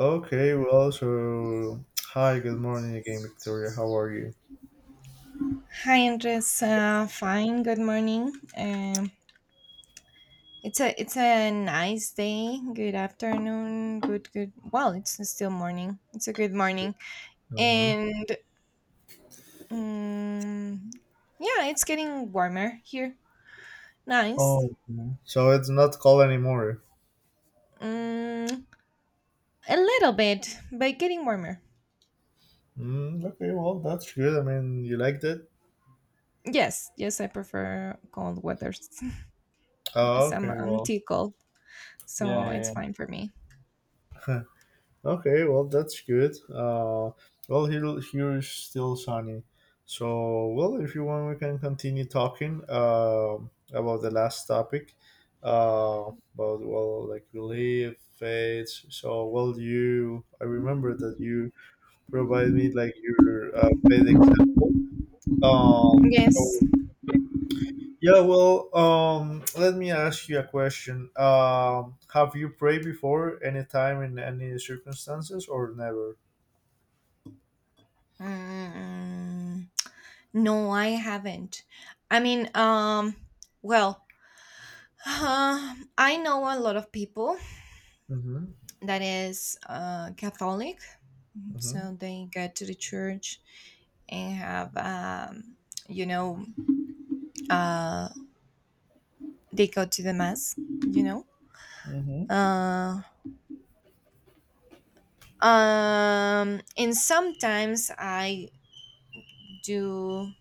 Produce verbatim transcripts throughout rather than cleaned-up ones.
Okay, well, so hi, good morning again, Victoria. How are you? Hi, Andres. Uh, fine. Good morning. Um, it's a it's a nice day. Good afternoon. Good good. Well, it's still morning. It's a good morning, Hmm. and um, yeah, it's getting warmer here. Nice. Oh, okay, so it's not cold anymore. Um, a little bit, but getting warmer. Mm, okay, well, that's good. I mean, you liked it. Yes, yes, I prefer cold weathers. Oh, Yes, I'm okay, I'm well, too cold, yeah, so it's yeah, fine for me. yeah. Okay, well that's good. Uh, well here here is still sunny. So well, if you want, we can continue talking um about the last topic. Uh, about well, like relief, faith. So well, you I remember that you provide me like your uh, faith example. Um, Yes. so yeah, well, um, let me ask you a question. Um, have you prayed before any time in any circumstances or never? Mm. No, I haven't. I mean, um, well, um I know a lot of people Mm-hmm. that is uh, Catholic, Mm-hmm. so they get to the church and have, um, you know, uh, they go to the mass, you know. Mm-hmm. Uh, um, and sometimes I do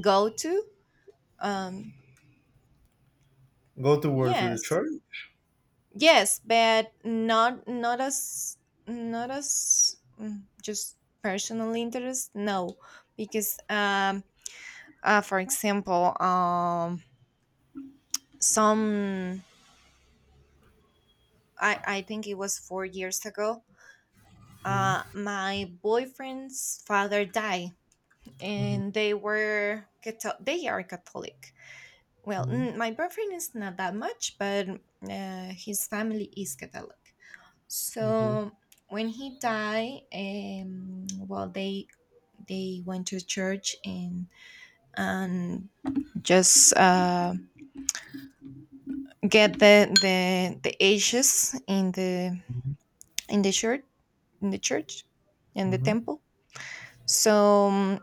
go to, um, Go towards the yes. church. Yes, but not not as not as mm, just personal interest. No, because um, uh, for example, um, some I I think it was four years ago. Uh, Mm-hmm. My boyfriend's father died, Mm-hmm. and they were Catho- they are Catholic. Well, Mm-hmm. mm, my boyfriend is not that much, but uh, his family is Catholic. Okay. So when he died, um, well, they they went to church and and just uh, get the the the ashes in the Mm-hmm. in the church in the church in the Mm-hmm. temple. So um,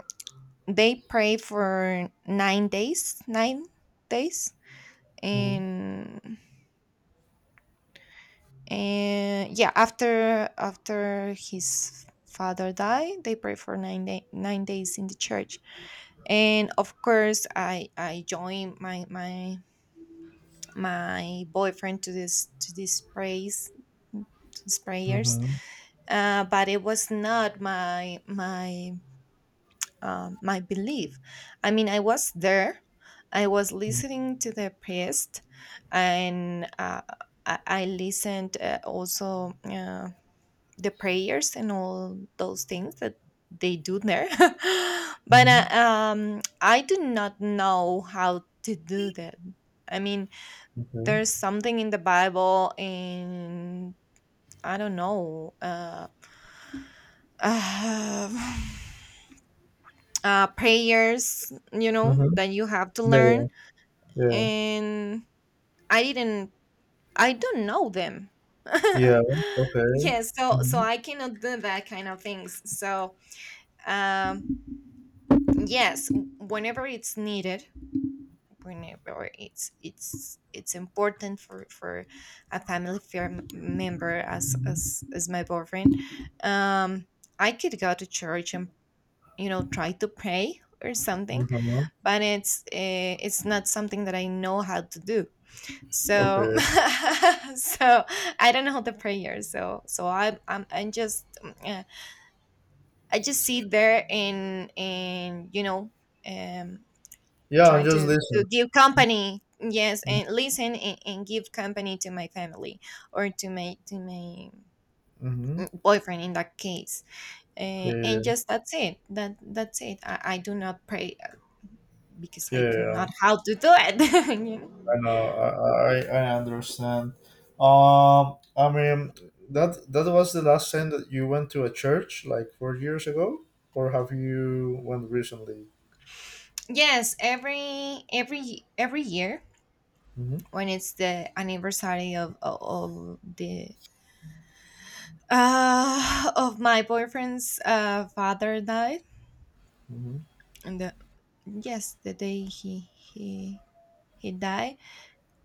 they pray for nine days, nine days, and and yeah, after after his father died, they pray for nine day, nine days in the church. And of course i i joined my my my boyfriend to this to this praise to these prayers, Mm-hmm. uh, but it was not my my um, my belief. I mean I was there, I was Mm-hmm. listening to the priest, and uh, I, I listened uh, also uh, the prayers and all those things that they do there. But Mm-hmm. uh, um I do not know how to do that. I mean, Okay. there's something in the Bible and I don't know uh, uh, uh prayers, you know, Mm-hmm. that you have to Yeah. Yeah. learn, Yeah. and i didn't I don't know them. Yeah. Okay. Yes, so so Mm-hmm. I cannot do that kind of things. So um yes, whenever it's needed, whenever it's it's it's important for for a family fair member as Mm-hmm. as as my boyfriend, um I could go to church and, you know, try to pray or something, Uh-huh. but it's eh, it's not something that I know how to do. So Okay. so I don't know the prayer. So so i i'm, I'm just um, eh, I just sit there and and you know, um Yeah. I'm trying just to to listening. give company. Yes, and listen and, and give company to my family or to my to my Mm-hmm. mm, boyfriend in that case. Yeah, uh, And yeah, just that's it. that that's it I, I do not pray, uh, because yeah, I yeah, yeah, do yeah. not how to do it. You know? I know. I, I, I I understand. Um, I mean, that that was the last time that you went to a church, like four years ago, or have you went recently? Yes, every every every year Hmm. when it's the anniversary of of, of the uh, of my boyfriend's uh, father died. Hmm. And the yes the day he he he died,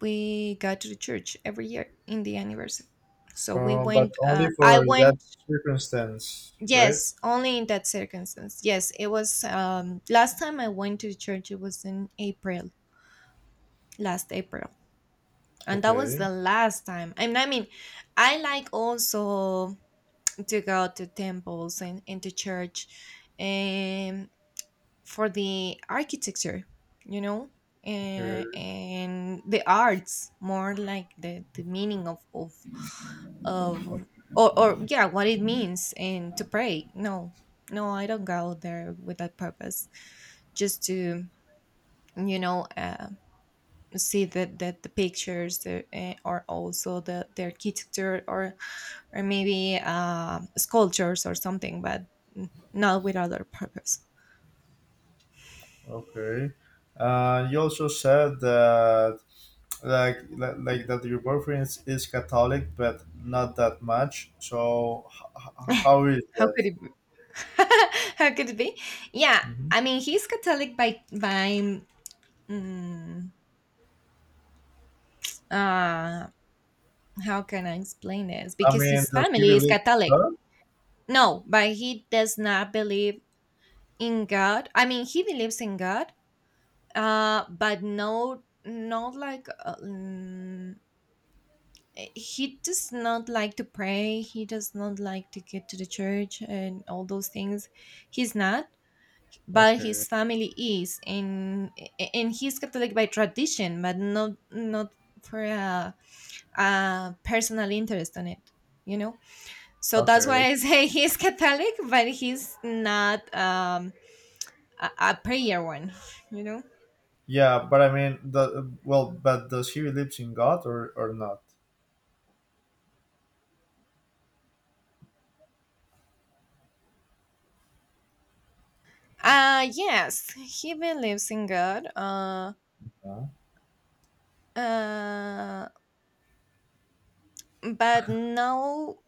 we got to the church every year in the anniversary. So we Uh, but went, only uh, I for that went. circumstance, right? Yes, only in that circumstance. Yes, it was, um, last time I went to the church it was in April, last April. And that was Okay, the last time. And I mean, I like also to go to temples and into church and for the architecture, you know, and, okay, and the arts, more like the, the meaning of of of or, or yeah, what it means. And to pray, no. No, I don't go there with that purpose, just to, you know, uh, see that that the pictures, the, uh, or also the, the architecture, or or maybe uh, sculptures or something. But mm, not with other purpose. okay. Uh, you also said that like li- like that your boyfriend is, is Catholic, but not that much. So h- h- how is How could that? it how could it be? Yeah, Hmm. I mean, he's Catholic by by mm, uh, how can I explain this? I Because mean, his does he family is believe in Catholic. God? No, but he does not believe in God. I mean, he believes in God, uh, but no, not like uh, mm, he does not like to pray. He does not like to get to the church and all those things. He's not. But his Okay, family is. And and he's Catholic by tradition, but not not for a, a personal interest on it, you know. So that's why okay. I say he's Catholic, but he's not, um a, a prayer one. You know? Yeah, but I mean, the well, but does he believes in God or or not? Uh yes, he believes in God. uh Yeah. uh but no,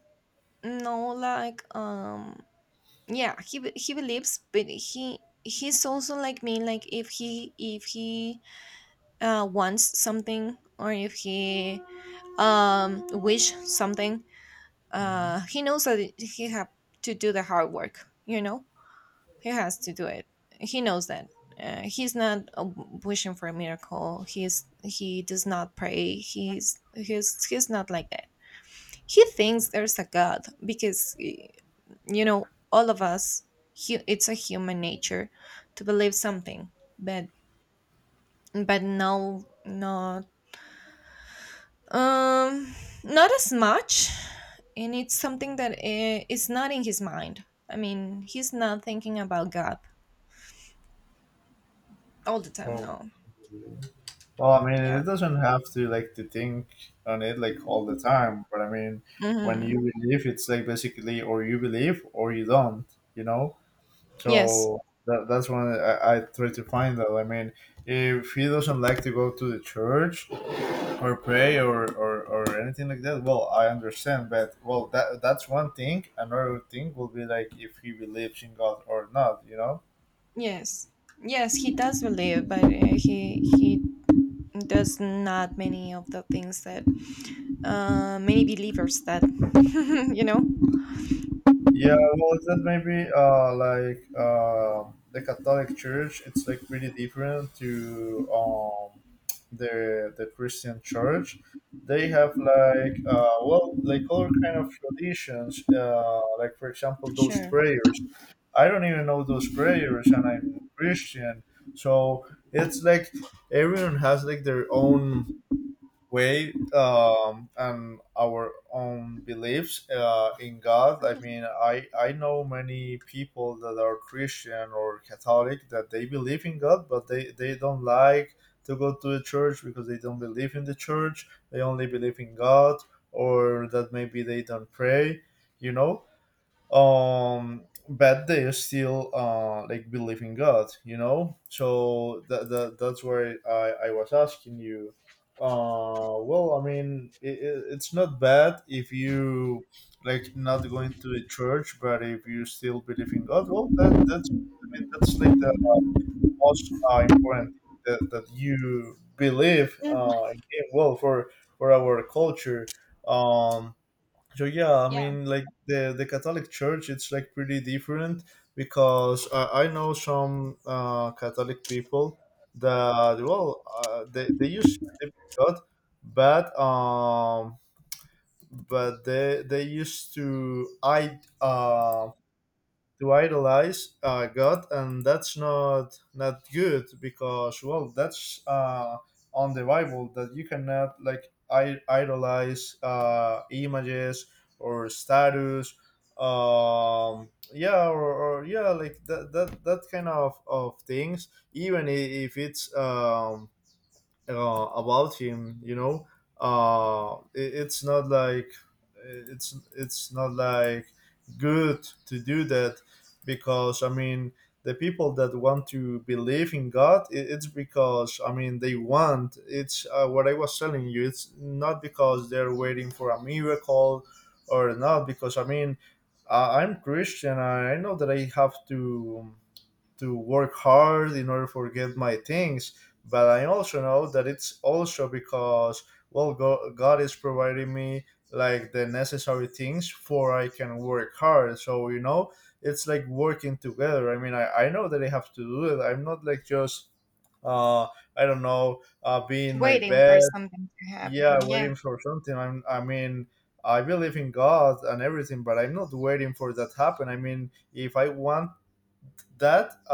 no like, um yeah, he be- he believes, but he he's also like me. Like, if he, if he uh wants something, or if he um wish something, Hmm. uh he knows that it- he have to do the hard work, you know. He has to do it. He knows that. Uh, he's not, uh, wishing for a miracle. He's he does not pray. He's he's he's not like that. He thinks there's a God because, y- you know, all of us, hu- it's a human nature to believe something. but but no, not, um not as much. And it's something that i- is not in his mind. I mean, he's not thinking about God all the time. No. Okay. Well, I mean, Yeah. it doesn't have to like to think on it like all the time, but I mean, when you Hmm. believe, it's like basically or you believe or you don't, you know. yes So that, that's when I, I try to find out. I mean, if he doesn't like to go to the church or pray, or, or, or anything like that, well, I understand. But well, that that's one thing. Another thing will be like if he believes in God or not, you know. yes yes, he does believe, but uh, he he does not many of the things that uh, many believers that you know. Yeah, well, is that maybe uh, like uh, the Catholic Church? It's like pretty different to um, the the Christian Church. They have like uh, well, like other kind of traditions. Uh, like for example, those Sure. prayers. I don't even know those prayers, and I'm Christian. So it's like everyone has like their own way, um, and our own beliefs uh, in God. I mean, I, I know many people that are Christian or Catholic that they believe in God, but they, they don't like to go to the church because they don't believe in the church. They only believe in God, or that maybe they don't pray, you know? Um but they are still uh like believe in god you know so that, that that's why i i was asking you. Uh well I mean it, it, it's not bad if you like not going to a church but if you still believe in god well that that's I mean that's like the most uh, important thing that, that you believe Hmm. uh in him. Well for for our culture, um so yeah, I Yeah. mean, like the the Catholic Church, it's like pretty different because I, I know some uh, Catholic people that well, uh, they they used to believe in God, but um, but they they used to I um to idolize uh, God, and that's not not good because well, that's uh, on the Bible that you cannot like I- idolize uh, images or status, um, yeah, or, or yeah, like that that that kind of of things, even i- if it's um, uh, about him you know. Uh it, it's not like it's it's not like good to do that because I mean the people that want to believe in god it, it's because I mean they want it's uh, what I was telling you it's not because they're waiting for a miracle or not because I mean, uh, I'm christian i I know that I have to to work hard in order for get my things but I also know that it's also because well Go- god is providing me like the necessary things for I can work hard so you know it's like working together. I mean i, I know that I have to do it I'm not like just uh I don't know uh be in my Waiting bed for something to yeah happen, yeah. waiting for something. I'm, I mean I believe in god and everything but I'm not waiting for that happen I mean if I want that uh,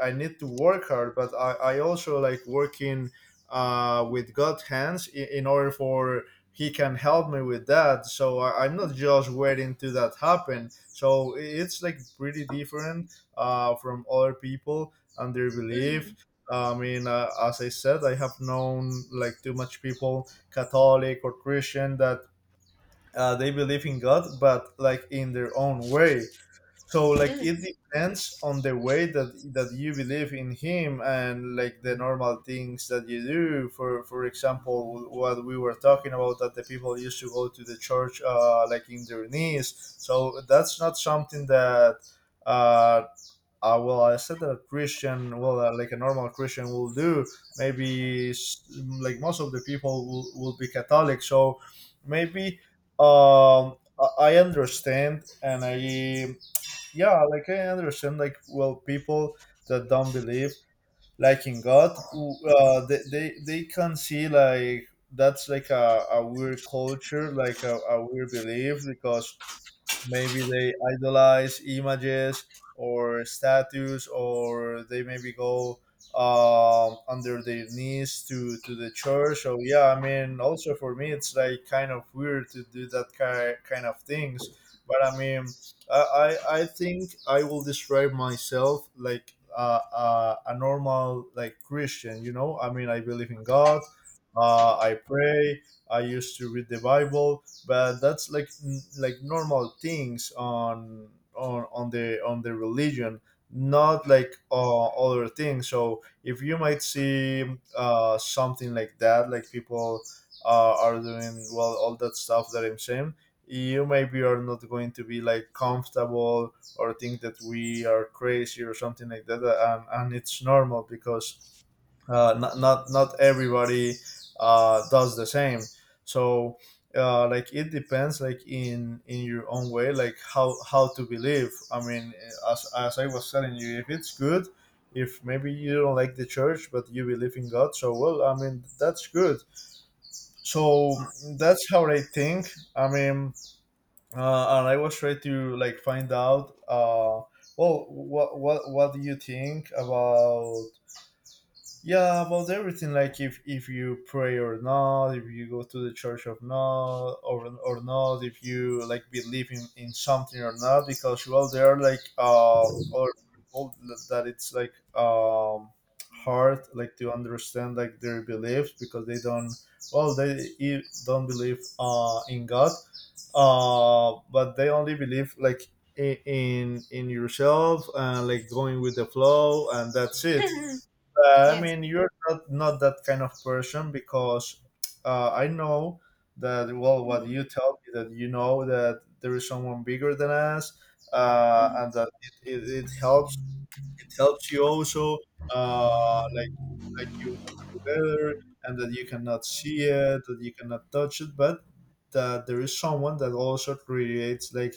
I, I need to work hard but i, I also like working uh, with god's hands in, in order for he can help me with that so I, I'm not just waiting to that happen so i- it's like pretty different uh, from other people and their belief. Hmm. I mean uh, as I said I have known like too much people catholic or christian that uh, they believe in god but like in their own way so like it depends on the way that that you believe in him and like the normal things that you do. For for example, what we were talking about that the people used to go to the church uh, like in their knees. So that's not something that uh, uh well I said that a Christian well uh, like a normal Christian will do. Maybe s- like most of the people will, will be Catholic. So maybe, um I I understand and I yeah like I understand like well people that don't believe like in god w- uh they they, they can see like that's like a, a weird culture like a, a weird belief because maybe they idolize images or statues or they maybe go um, under their knees to, to the church so yeah I mean also for me it's like kind of weird to do that ki- kind of things but I mean I, I I think I will describe myself like uh, uh, a normal like Christian. You know, I mean, I believe in God. Uh, I pray. I used to read the Bible, but that's like n- like normal things on on on the on the religion, not like uh, other things. So if you might see uh, something like that, like people uh, are doing well all that stuff that I'm saying, you maybe are not going to be like comfortable or think that we are crazy or something like that, uh, and, and it's normal because uh, not, not not everybody uh, does the same. So uh, like it depends like in in your own way like how how to believe. I mean as, as I was telling you if it's good, if maybe you don't like the church but you believe in god so well I mean that's good. So that's how I think. I mean uh, and I was trying to like find out. Uh, well, what what what do you think about yeah about everything like if if you pray or not if you go to the church or not or, or not if you like believe in, in something or not because well there are like uh or all that it's like um hard like to understand like their beliefs because they don't well they e- don't believe uh in god uh but they only believe like i- in in yourself and like going with the flow and that's it. Hmm. uh, I Yes. mean, you're not, not that kind of person because uh, I know that, well, what Hmm. you tell me that you know that there is someone bigger than us uh, Mhm. and that it, it, it helps, it helps you also uh, like like you work together and that you cannot see it that you cannot touch it but that there is someone that also creates like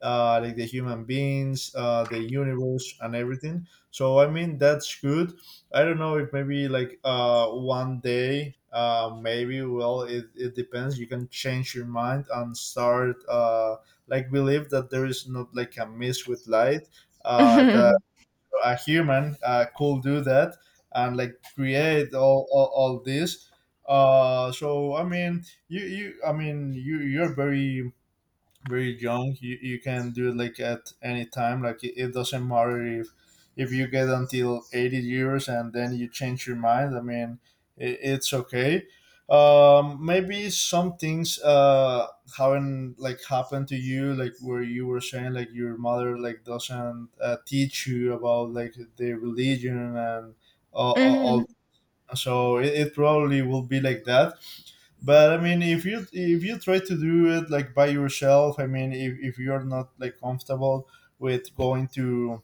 uh, like the human beings uh, the universe and everything so I mean that's good. I don't know if maybe like uh, one day uh, maybe well it, it depends you can change your mind and start uh, like believe that there is not like a miss with light uh, that a human uh, could do that and like create all, all, all this uh so I mean you you I mean you you're very very young. You, you can do it like at any time like it, it doesn't matter if if you get until eighty years and then you change your mind. I mean it, it's okay. Um, maybe some things uh, haven't like happened to you like where you were saying like your mother like doesn't uh, teach you about like the religion and all, all, Mhm. all so it, it probably will be like that but I mean if you if you try to do it like by yourself. I mean if, if you're not like comfortable with going to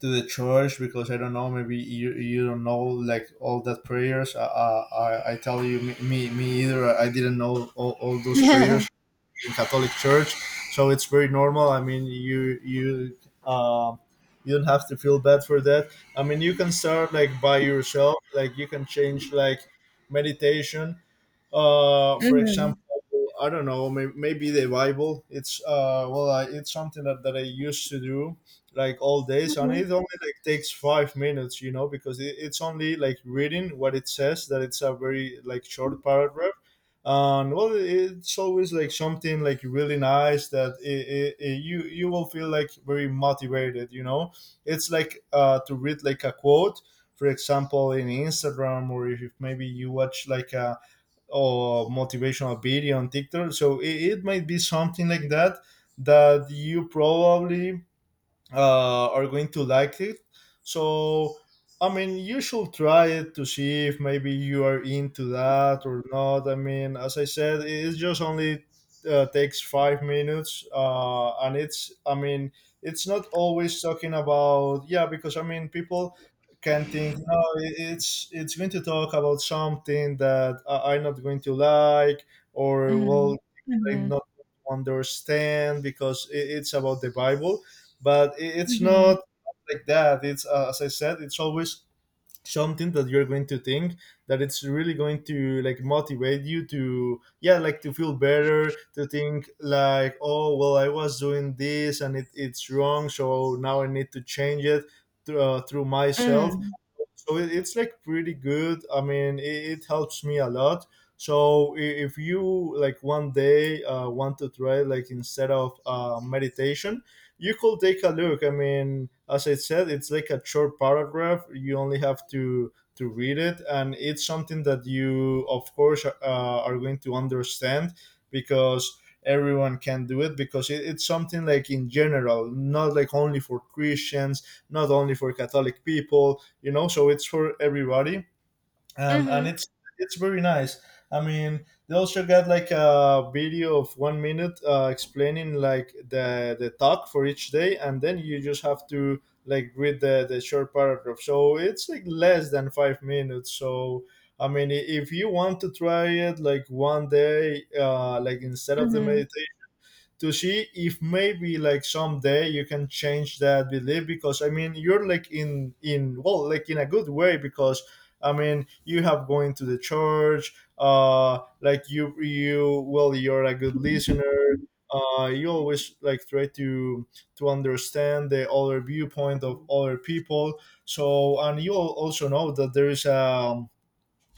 to the church because I don't know maybe you you don't know like all that prayers i i, I tell you me, me me either I didn't know all, all those Yeah. prayers in Catholic church. So it's very normal. I mean, you you um you don't have to feel bad for that. I mean, you can start like by yourself, like you can change like meditation, uh for example. Mhm. I don't know, may- maybe the Bible, it's uh well I, it's something that, that I used to do like all days, and Mhm. it only like takes five minutes, you know, because it, it's only like reading what it says, that it's a very like short paragraph. And well, it's always like something like really nice that it, it, it, you you will feel like very motivated, you know. It's like, uh to read like a quote, for example, in Instagram, or if if maybe you watch like a or motivational video on TikTok. So it, it might be something like that that you probably uh, are going to like it. So, I mean, you should try it to see if maybe you are into that or not. I mean, as I said, it just only uh, takes five minutes, uh, and it's, I mean, it's not always talking about, yeah, because I mean, people can think, no, i- it's it's going to talk about something that I- I'm not going to like, or well, Mhm. I'm Mhm. not going to understand because i- it's about the Bible, but i- it's Mhm. not like that. It's uh, As I said, it's always something that you're going to think that it's really going to like motivate you to, yeah, like to feel better, to think like, oh well, I was doing this and it, it's wrong, so now I need to change it through, uh, through myself. Mhm. So it, it's like pretty good. I mean, it, it helps me a lot. So i- if you like one day uh, want to try, like, instead of uh, meditation, you could take a look. I mean, as I said, it's like a short paragraph, you only have to to read it, and it's something that you of course uh, are going to understand, because everyone can do it, because it, it's something like in general, not like only for Christians, not only for Catholic people, you know. So it's for everybody. And and Mhm. it's it's very nice. I mean, they also got like a video of one minute uh, explaining like the the talk for each day, and then you just have to like read the the short paragraph. So it's like less than five minutes, so I mean, i- if you want to try it like one day uh like, instead of the Mhm. meditation, to see if maybe like someday you can change that belief. Because I mean, you're like in in, well, like in a good way, because I mean, you have going to the church, uh like you you well, you're a good listener. Uh you always like try to to understand the other viewpoint of other people. So, and you al- also know that there is a,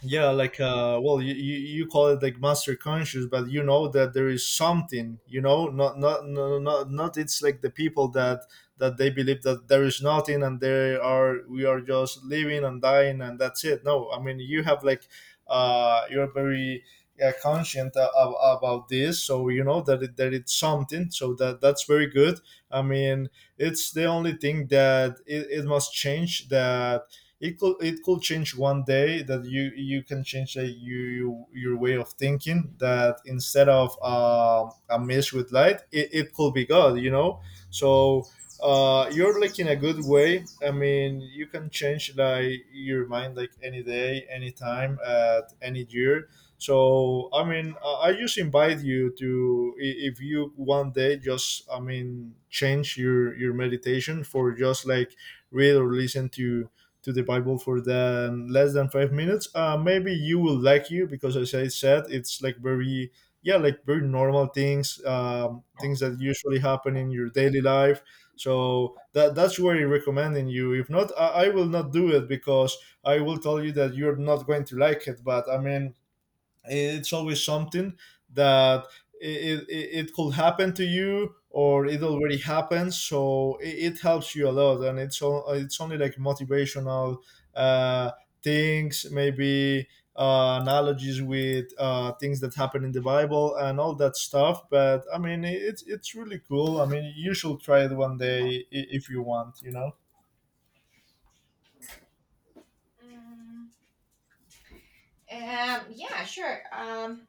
yeah, like, uh well you, you you call it like master conscious, but you know that there is something, you know, not not no no, not not it's like the people that that they believe that there is nothing, and they are we are just living and dying, and that's it. No, I mean, you have like, uh you're very uh, conscient a- ab- about this, so you know that it, that it's something, so that that's very good. I mean, it's the only thing that it, it must change, that it could it could change one day, that you you can change a, you your way of thinking, that instead of um, a mess with light, it, it could be God, you know. So, uh, you're like in a good way. I mean, you can change like your mind like any day, any time, at any year. So I mean, i I just invite you to, i- if you one day, just, I mean, change your your meditation for just like read or listen to to the Bible for the less than five minutes, uh, maybe you will like you, because as I said, it's like very, yeah, like very normal things, um, things that usually happen in your daily life. So that that's where I recommending you. If not, I, I will not do it, because I will tell you that you're not going to like it. But I mean, it's always something that it, it, it could happen to you, or it already happened, so it, it helps you a lot. And it's all, it's only like motivational uh, things, maybe uh, analogies with uh, things that happen in the Bible and all that stuff. But I mean, it's it's really cool. I mean, you should try it one day, i- if you want, you know. Mm, Um, yeah, sure. Um,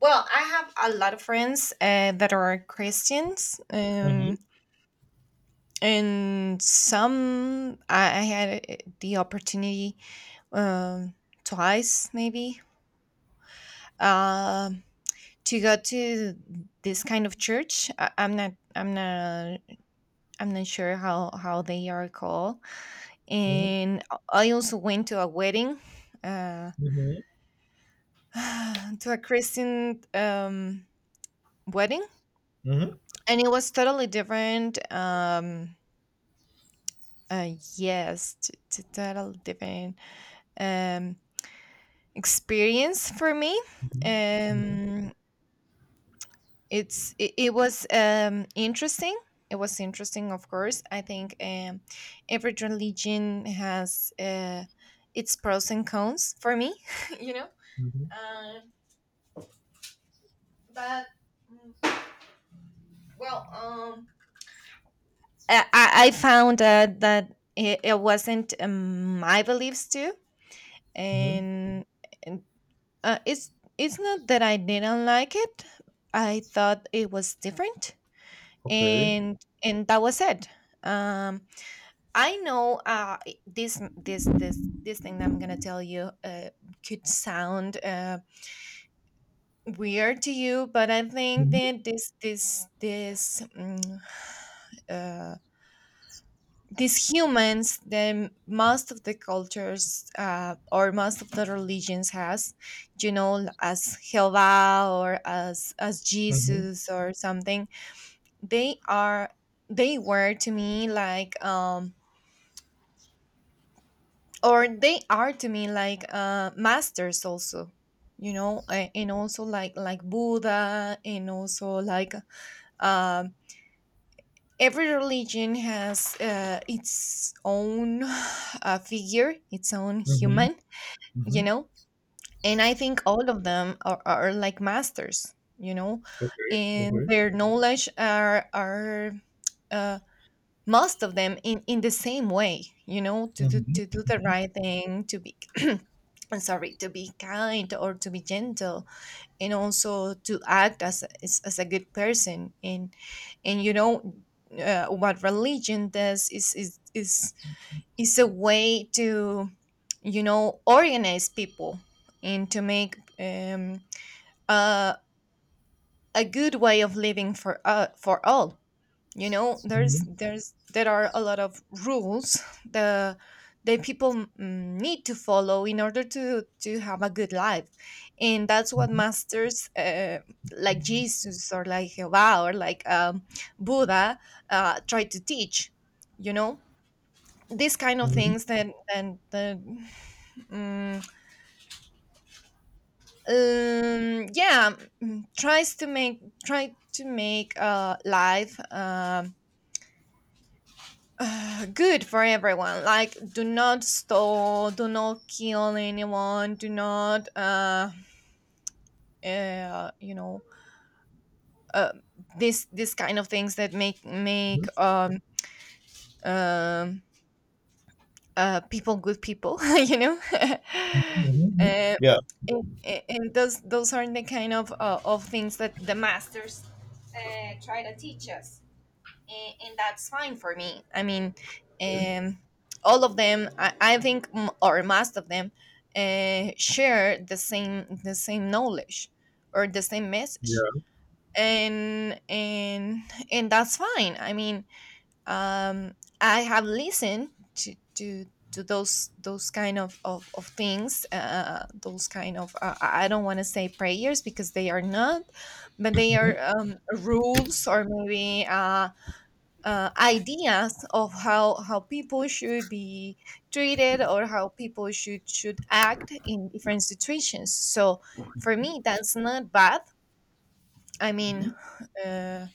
Well, I have a lot of friends uh, that are Christians. Mhm, and And some I I had a- the opportunity, um, twice, maybe, um, to go to this kind of church. I, I'm not, I'm not, I'm not sure how how they are called. mhm, And I also went to a wedding, uh, mhm, to a Christian um, wedding. mhm, And it was totally different. Um, uh, yes, t- t- totally different Um, experience for me. mhm, mhm, Um, it's it, it was um, interesting. It was interesting, of course. I think um, every religion has uh, its pros and cons for me. You know, mhm, uh, but mm, well, um, I, I I found that that it, it wasn't um, my beliefs too, mhm. and, and uh, it's it's not that I didn't like it. I thought it was different, Okay. and and that was it. um I know uh this this this this thing that I'm gonna tell you uh could sound uh weird to you, but I think Mhm, that this this this mm, uh these humans that most of the cultures, uh, or most of the religions has, you know, as Jehovah or as as mhm. Jesus or something, they are, they were to me like, um or they are to me like uh masters also, you know. A- and also like like Buddha, and also like, um every religion has, uh, its own uh, figure, its own Mhm, human, you mhm. know. And I think all of them are, are like masters, you know. Okay, And okay. their knowledge are are uh, most of them in in the same way, you know. To do, Mhm, to mhm, do the right thing, to be I'm sorry, to be kind, or to be gentle, and also to act as as, as a good person. and and you know, uh, what religion does is is is is a way to, you know, organize people and to make, um uh, a good way of living for uh, for all, you know. there's mhm, there's There are a lot of rules the that people, mm, need to follow in order to to have a good life. And that's what mhm, masters, uh, like Jesus or like Jehovah or like, um, Buddha, uh, try to teach, you know, these kind of mhm, things that, and the um, um, yeah, mm, tries to make, try to make uh, life um uh, good for everyone. Like, do not stall, do not kill anyone, do not, uh, uh you know, uh, this this kind of things that make make um um uh people good people, you know. mhm, mhm. uh, Yeah, And, and and those those are the kind of, uh, of things that the masters, uh, try to teach us. and, and that's fine for me. I mean, um, all of them, I, I think, m- or most of them, uh, share the same the same knowledge, or the same message. yeah. And and and that's fine. I mean, um, I have listened to to to those those kind of, of, of things, uh, those kind of, uh, i I don't want to say prayers because they are not, but they are, Mhm. um, rules, or maybe uh, uh, ideas of how how people should be treated, or how people should should act in different situations. So for me, that's not bad. I mean, uh,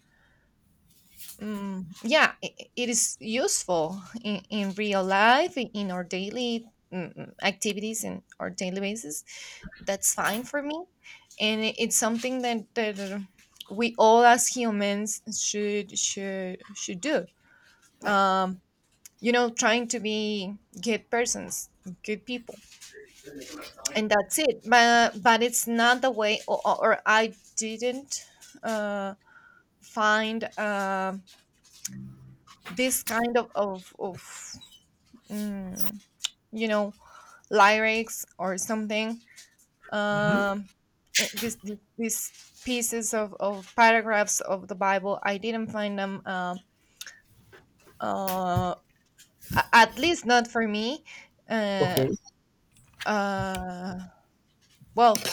mm, yeah, it, it is useful in, in real life in, in our daily. mm, mm, Activities and our daily basis, that's fine for me, and it- it's something that that uh, we all as humans should should should do. Um, you know Trying to be good persons, good people, and that's it. But but it's not the way, or, or or I didn't uh find uh, this kind of of, of mm, you know lyrics or something. um uh, this, this these pieces of, of paragraphs of the Bible, I didn't find them, um uh, a- at least not for me, uh, Okay, uh, well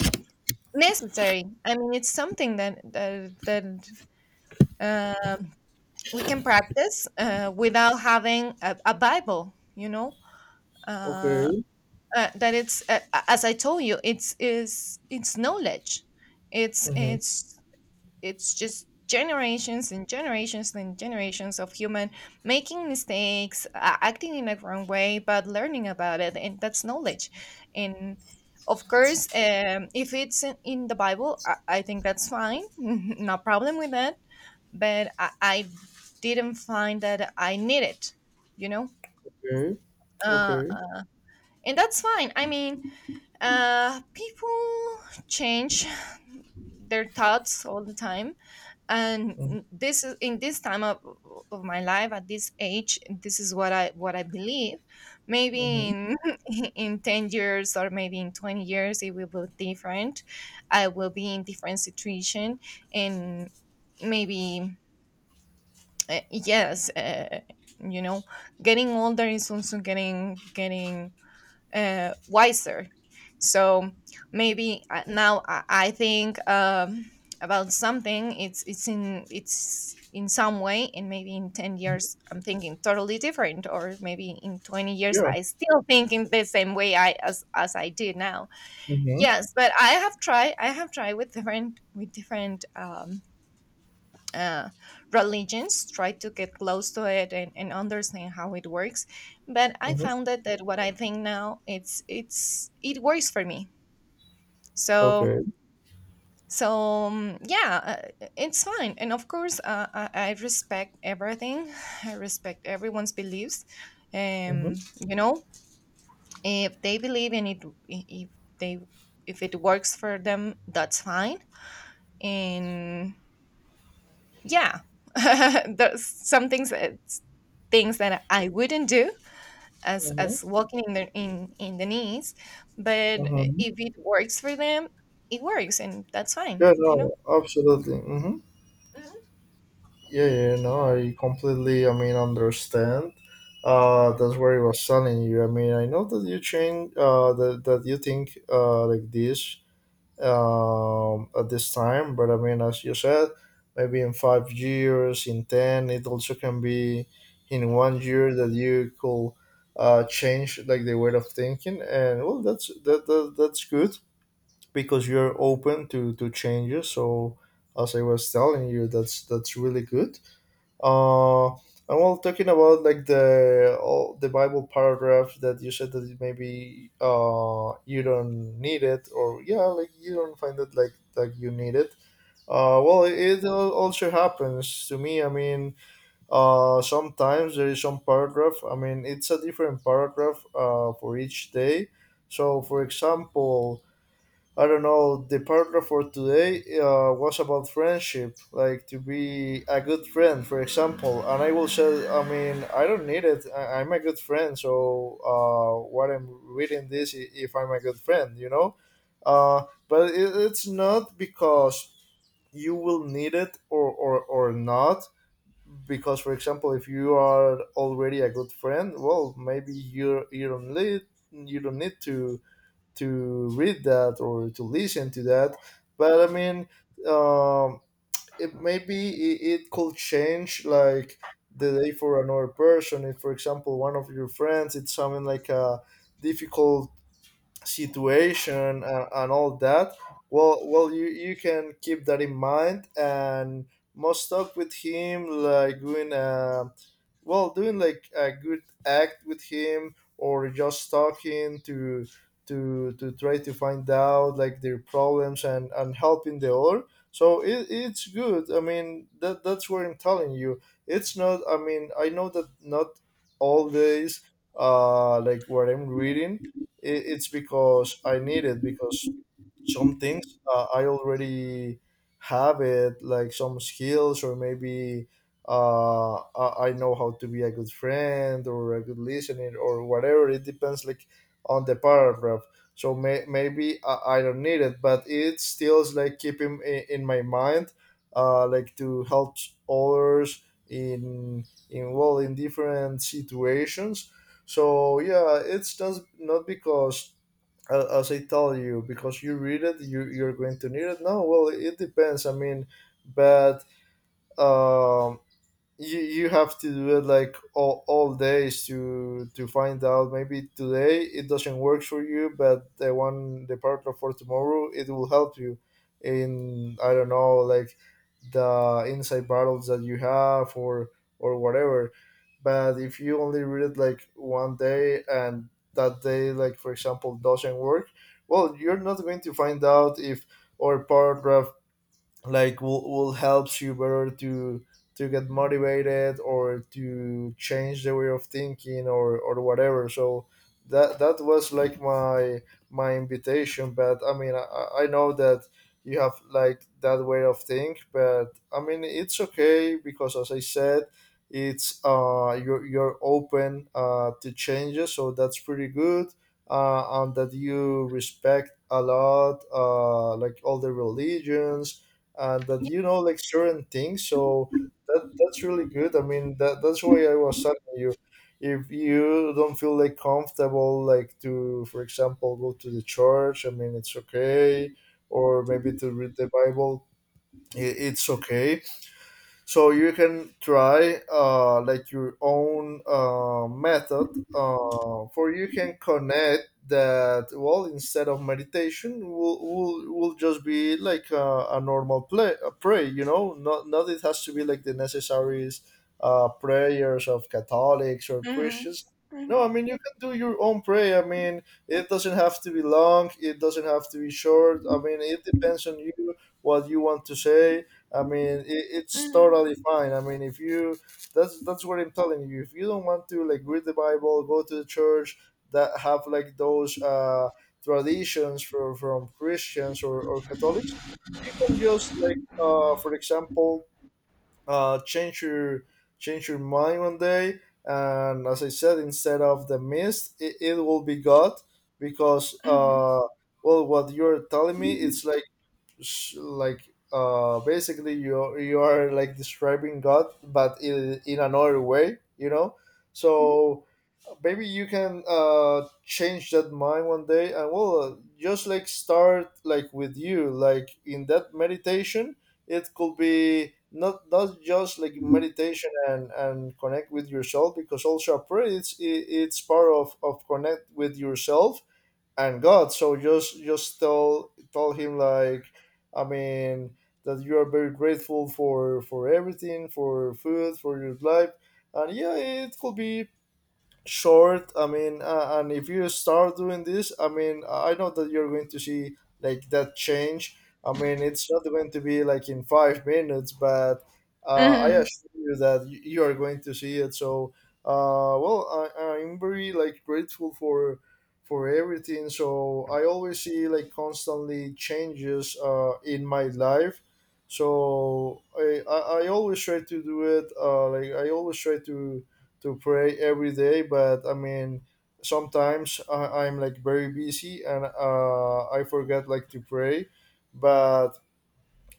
necessary. I mean, it's something that that, that um we can practice uh, without having a, a bible you know uh, okay. uh, that it's uh, As I told you, it's is it's knowledge. it's Mhm, it's it's just generations and generations and generations of human making mistakes, uh, acting in a wrong way but learning about it, and that's knowledge. And of course, um, if it's in, in the Bible, I, I think that's fine. No problem with that, but I, I didn't find that i need it you know okay, uh, okay. uh, and that's fine. I mean, uh, people change their thoughts all the time. Mhm, And this is in this time of, of my life. At this age, this is what i what i believe. Maybe mhm. in in ten years, or maybe in twenty years, it will be different. I will be in different situation. And maybe, uh, yes, uh, you know getting older is also getting getting uh, wiser. So maybe, uh, now I I think, um, about something. It's it's in it's in some way, and maybe in ten years I'm thinking totally different, or maybe in twenty years Yeah. I still think in the same way I as as I do now. Mhm, Yes, but I have tried. I have tried with different with different um, uh, religions, try to get close to it, and, and understand how it works. But I mhm. found that, that what I think now, it's it's it works for me. So Okay. so um, yeah, uh, it's fine. And of course, uh, I, I respect everything. I respect everyone's beliefs. Mhm, Um, you know, if they believe in it, if they if it works for them, that's fine. And yeah, there's some things it's things that I wouldn't do, as mhm, as walking in the in in the knees. But mhm. if it works for them, it works, and that's fine Yeah, you no, know absolutely. Mm-hmm. Yeah, yeah, no, I completely, I mean, understand. Uh, that's where it was telling you. I mean, I know that you change, uh, that, that you think, uh, like this, um, at this time. But I mean, as you said, maybe in five years, in ten, it also can be in one year that you could uh, change like the way of thinking, and well, that's that, that that's good because you're open to to changes. So as I was telling you, that's that's really good. Uh, and while talking about like the all the Bible paragraph that you said that maybe uh you don't need it, or yeah, like you don't find it like like you need it. Uh, well, it, it al- also happens to me. I mean, uh, sometimes there is some paragraph. I mean, it's a different paragraph uh, for each day. So, for example, I don't know. The paragraph for today uh, was about friendship, like to be a good friend, for example. And I will say, I mean, I don't need it. I- I'm a good friend, so uh, what I'm reading this, i- if I'm a good friend, you know. Uh, but it, it's not because you will need it or, or or not, because for example if you are already a good friend, well, maybe you you don't need, you don't need to to read that or to listen to that. But I mean, um it maybe it, it could change like the day for another person, if for example one of your friends, it's something like a difficult situation, and, and all that. Well well you you can keep that in mind and must talk with him, like doing a, well, doing like a good act with him, or just talking to to to try to find out like their problems, and and helping the other. So it, it's good. I mean, that that's what I'm telling you. It's not, I mean, I know that not all days uh like what I'm reading, it, it's because I need it, because some things uh, I already have it, like some skills, or maybe uh, I I know how to be a good friend or a good listener or whatever. It depends, like on the paragraph. So may, maybe I, I don't need it, but it still is like keeping in, in my mind, uh, like to help others in in, well, in different situations. So yeah, it's just not because uh, as I tell you, because you read it, you you're going to need it. No, well, it depends. I mean, but um, you you have to do it like all, all days to to find out maybe today it doesn't work for you, but the one, the partner for tomorrow, it will help you in, I don't know, like the inside battles that you have, or or whatever. But if you only read it like one day, and that day, like for example, doesn't work, well, you're not going to find out if or paragraph, like will, will helps you better to to get motivated, or to change the way of thinking, or or whatever. So that that was like my my invitation. But I mean, i, I know that you have like that way of think, but I mean, it's okay, because as I said, it's uh you're, you're open uh to changes, so that's pretty good, uh and that you respect a lot, uh like, all the religions, and that you know like certain things. So that that's really good. I mean, that that's why I was telling you, if you don't feel like comfortable like to, for example, go to the church, I mean, it's okay. Or maybe to read the Bible, i- it's okay. So you can try, uh, like, your own uh, method, uh, for you can connect that. Well, instead of meditation, will will, will just be like a, a normal play, a pray, you know, not not it has to be like the necessary uh, prayers of Catholics or Christians. No, I mean, you can do your own prayer. I mean, it doesn't have to be long, it doesn't have to be short. I mean, it depends on you what you want to say. I mean, it, it's totally fine. I mean, if you, that's that's what I'm telling you. If you don't want to like read the Bible, go to the church that have like those uh, traditions for, from Christians or, or Catholics, you can just like uh, for example, uh, change your change your mind one day, and as I said, instead of the mist, it, it will be God. Because uh, well, what you're telling me, it's like, sh- like uh basically, you you are like describing God, but in, in another way, you know. So maybe you can uh change that mind one day, and well, just like start like with you, like in that meditation. It could be, not not just like meditation, and and connect with yourself, because also prayer, it's it, it's part of of connect with yourself and God. So just just tell tell him like, I mean, that you are very grateful for for everything, for food, for your life. And yeah, it could be short. I mean, uh, and if you start doing this, I mean, I know that you're going to see like that change. I mean, it's not going to be like in five minutes, but uh, I Hmm. assure you that y- you are going to see it. So uh, well, I, i'm very like grateful for for everything, so I always see like constantly changes uh, in my life. So I, I i always try to do it, uh, like, I always try to to pray every day. But I mean, sometimes I, i'm like very busy, and uh, I forget like to pray. But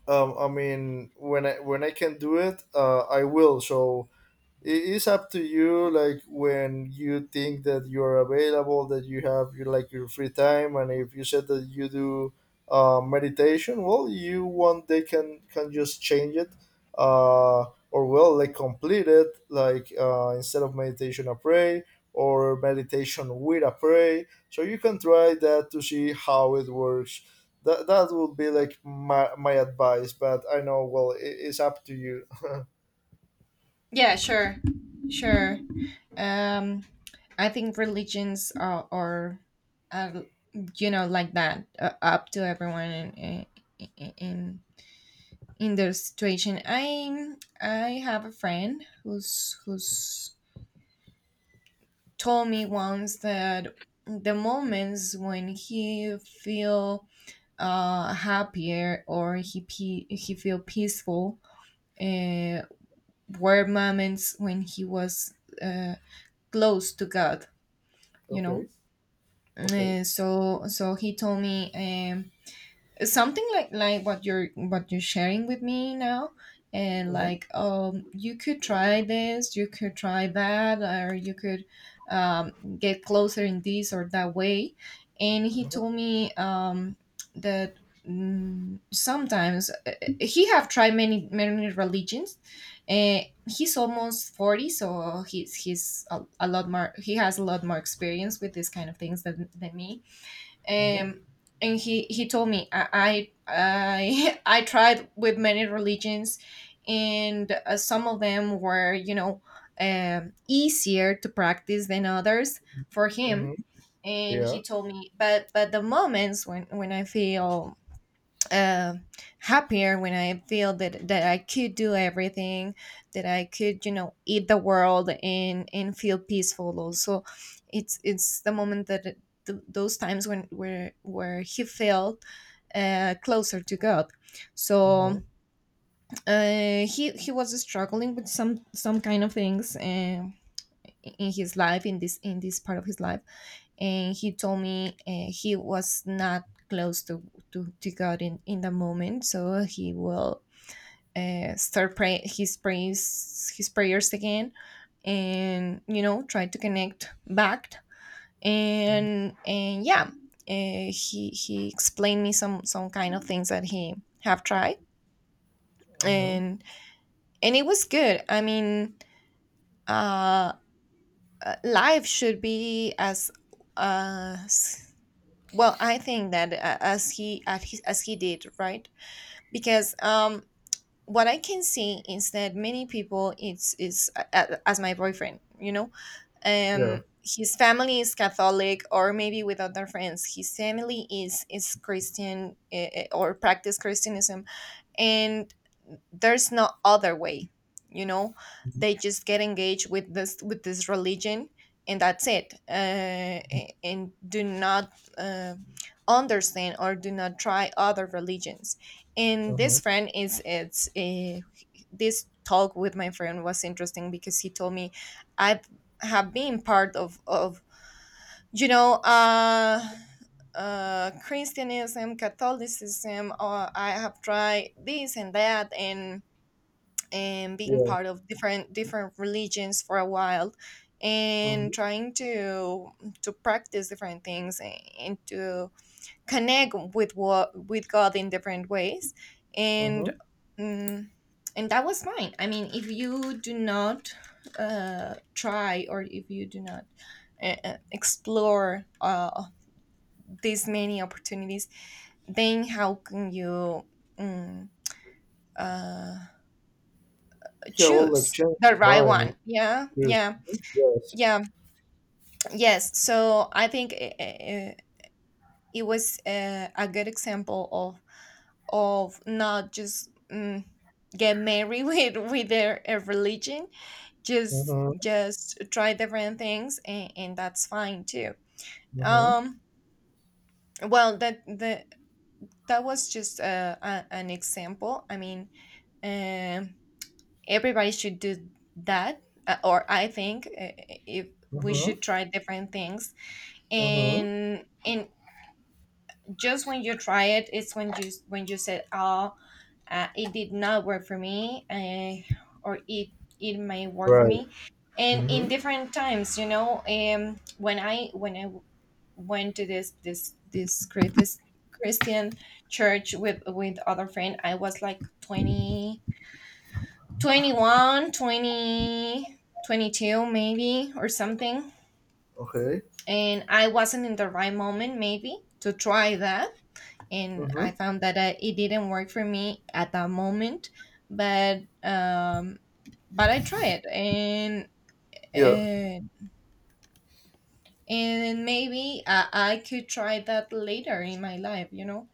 um, I mean, when i when i can do it, uh, I will. So it is up to you, like, when you think that you're available, that you have your, like, your free time. And if you said that you do uh, meditation, well, you want, they can can just change it, uh, or well, like complete it, like uh, instead of meditation a pray, or meditation with a pray. So you can try that to see how it works. That, that would be like my, my advice, but I know, well, it's up to you. Yeah, sure. Sure. um I think religions are, are, are you know like that, uh, up to everyone in, in in in their situation. I i have a friend who's who's told me once that the moments when he feel, uh, happier, or he pe- he feel peaceful, uh, were moments when he was, uh, close to God, you Okay, know. okay. Uh, so so he told me. Um, something like like what you're what you're sharing with me now, and like um you could try this, you could try that, or you could um, get closer in this or that way. And he Mhm, told me, um that, mm, sometimes, uh, uh, he have tried many many religions, and he's almost forty, so he's he's a, a lot more he has a lot more experience with this kind of things than, than me. mhm, um, and he he told me, I I I, tried with many religions, and uh, some of them were, you know um, easier to practice than others, for mhm, him. And he yeah, told me, but but the moments, when when I feel, uh, happier, when I feel that that I could do everything, that I could you know eat the world, and and feel peaceful. Also, it's it's the moment that it- th- those times when where where he felt, uh, closer to God. So mhm, uh, he he was struggling with some some kind of things. Uh, in his life, in this in this part of his life. And he told me, uh, he was not close to, to, to God in, in the moment, so he will, uh, start pray- his praise his prayers again, and you know try to connect back, mhm, and and yeah, uh, he he explained me some some kind of things that he have tried, mhm, and and it was good. I mean, uh, uh, life should be as— uh, s- Well, I think that, uh, as he as he, as he did, right? Because, um, what I can see is that many people, it's is uh, as my boyfriend, you know, yeah, um His family is Catholic, or maybe with other friends, his family is is Christian, eh, eh, or practice Christianism. And there's no other way you know they just get engaged with this with this religion, and that's it. Uh, a- and do not, uh, understand, or do not try other religions. And mhm, this friend is it's uh, This talk with my friend was interesting, because he told me, I've have been part of of you know uh uh Christianism, Catholicism. uh, I have tried this and that, and and being yeah, part of different different religions for a while, and mhm, trying to to practice different things, and, and to connect with what with God in different ways. and mhm. mm and that was mine. I mean, if you do not, uh, try, or if you do not, uh, uh, explore, uh, these many opportunities, then how can you mm uh, Yeah, well, like choose change the your right mind, one? Yeah, seriously. yeah, Yes. yeah, yes. So I think. Uh, uh, it was, uh, a good example of of not just, mm, get married with with their a religion. just Mhm, just try different things, and, and that's fine too. mhm, um well that the that was just uh a, an example, I mean. um Everybody should do that, uh, or I think, uh, if we mhm, should try different things. mhm. And and just when you try it, it's when you when you said, oh, uh, it did not work for me. Uh, or it it may work for Right. me. And in Mhm. different times, you know um when i when i went to this this this crit- this Christian church with with other friend. I was like twenty twenty one twenty twenty two maybe, or something. Okay. And I wasn't in the right moment maybe to try that. And Mhm. I found that, I, it didn't work for me at that moment. But um, but I tried, and Yeah. and, and maybe I, I could try that later in my life, you know,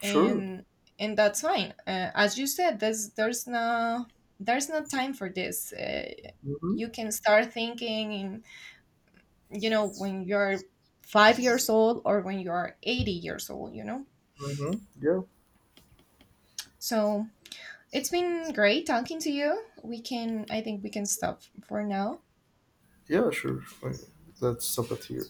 Sure. and and that's fine. Uh, as you said, there's there's no there's no time for this. Uh, Mhm. You can start thinking, in, you know, when you're five years old, or when you're eighty years old, you know. Mhm. Yeah. So, it's been great talking to you. We can, I think we can stop for now. Yeah. Sure. Okay. Let's stop it here.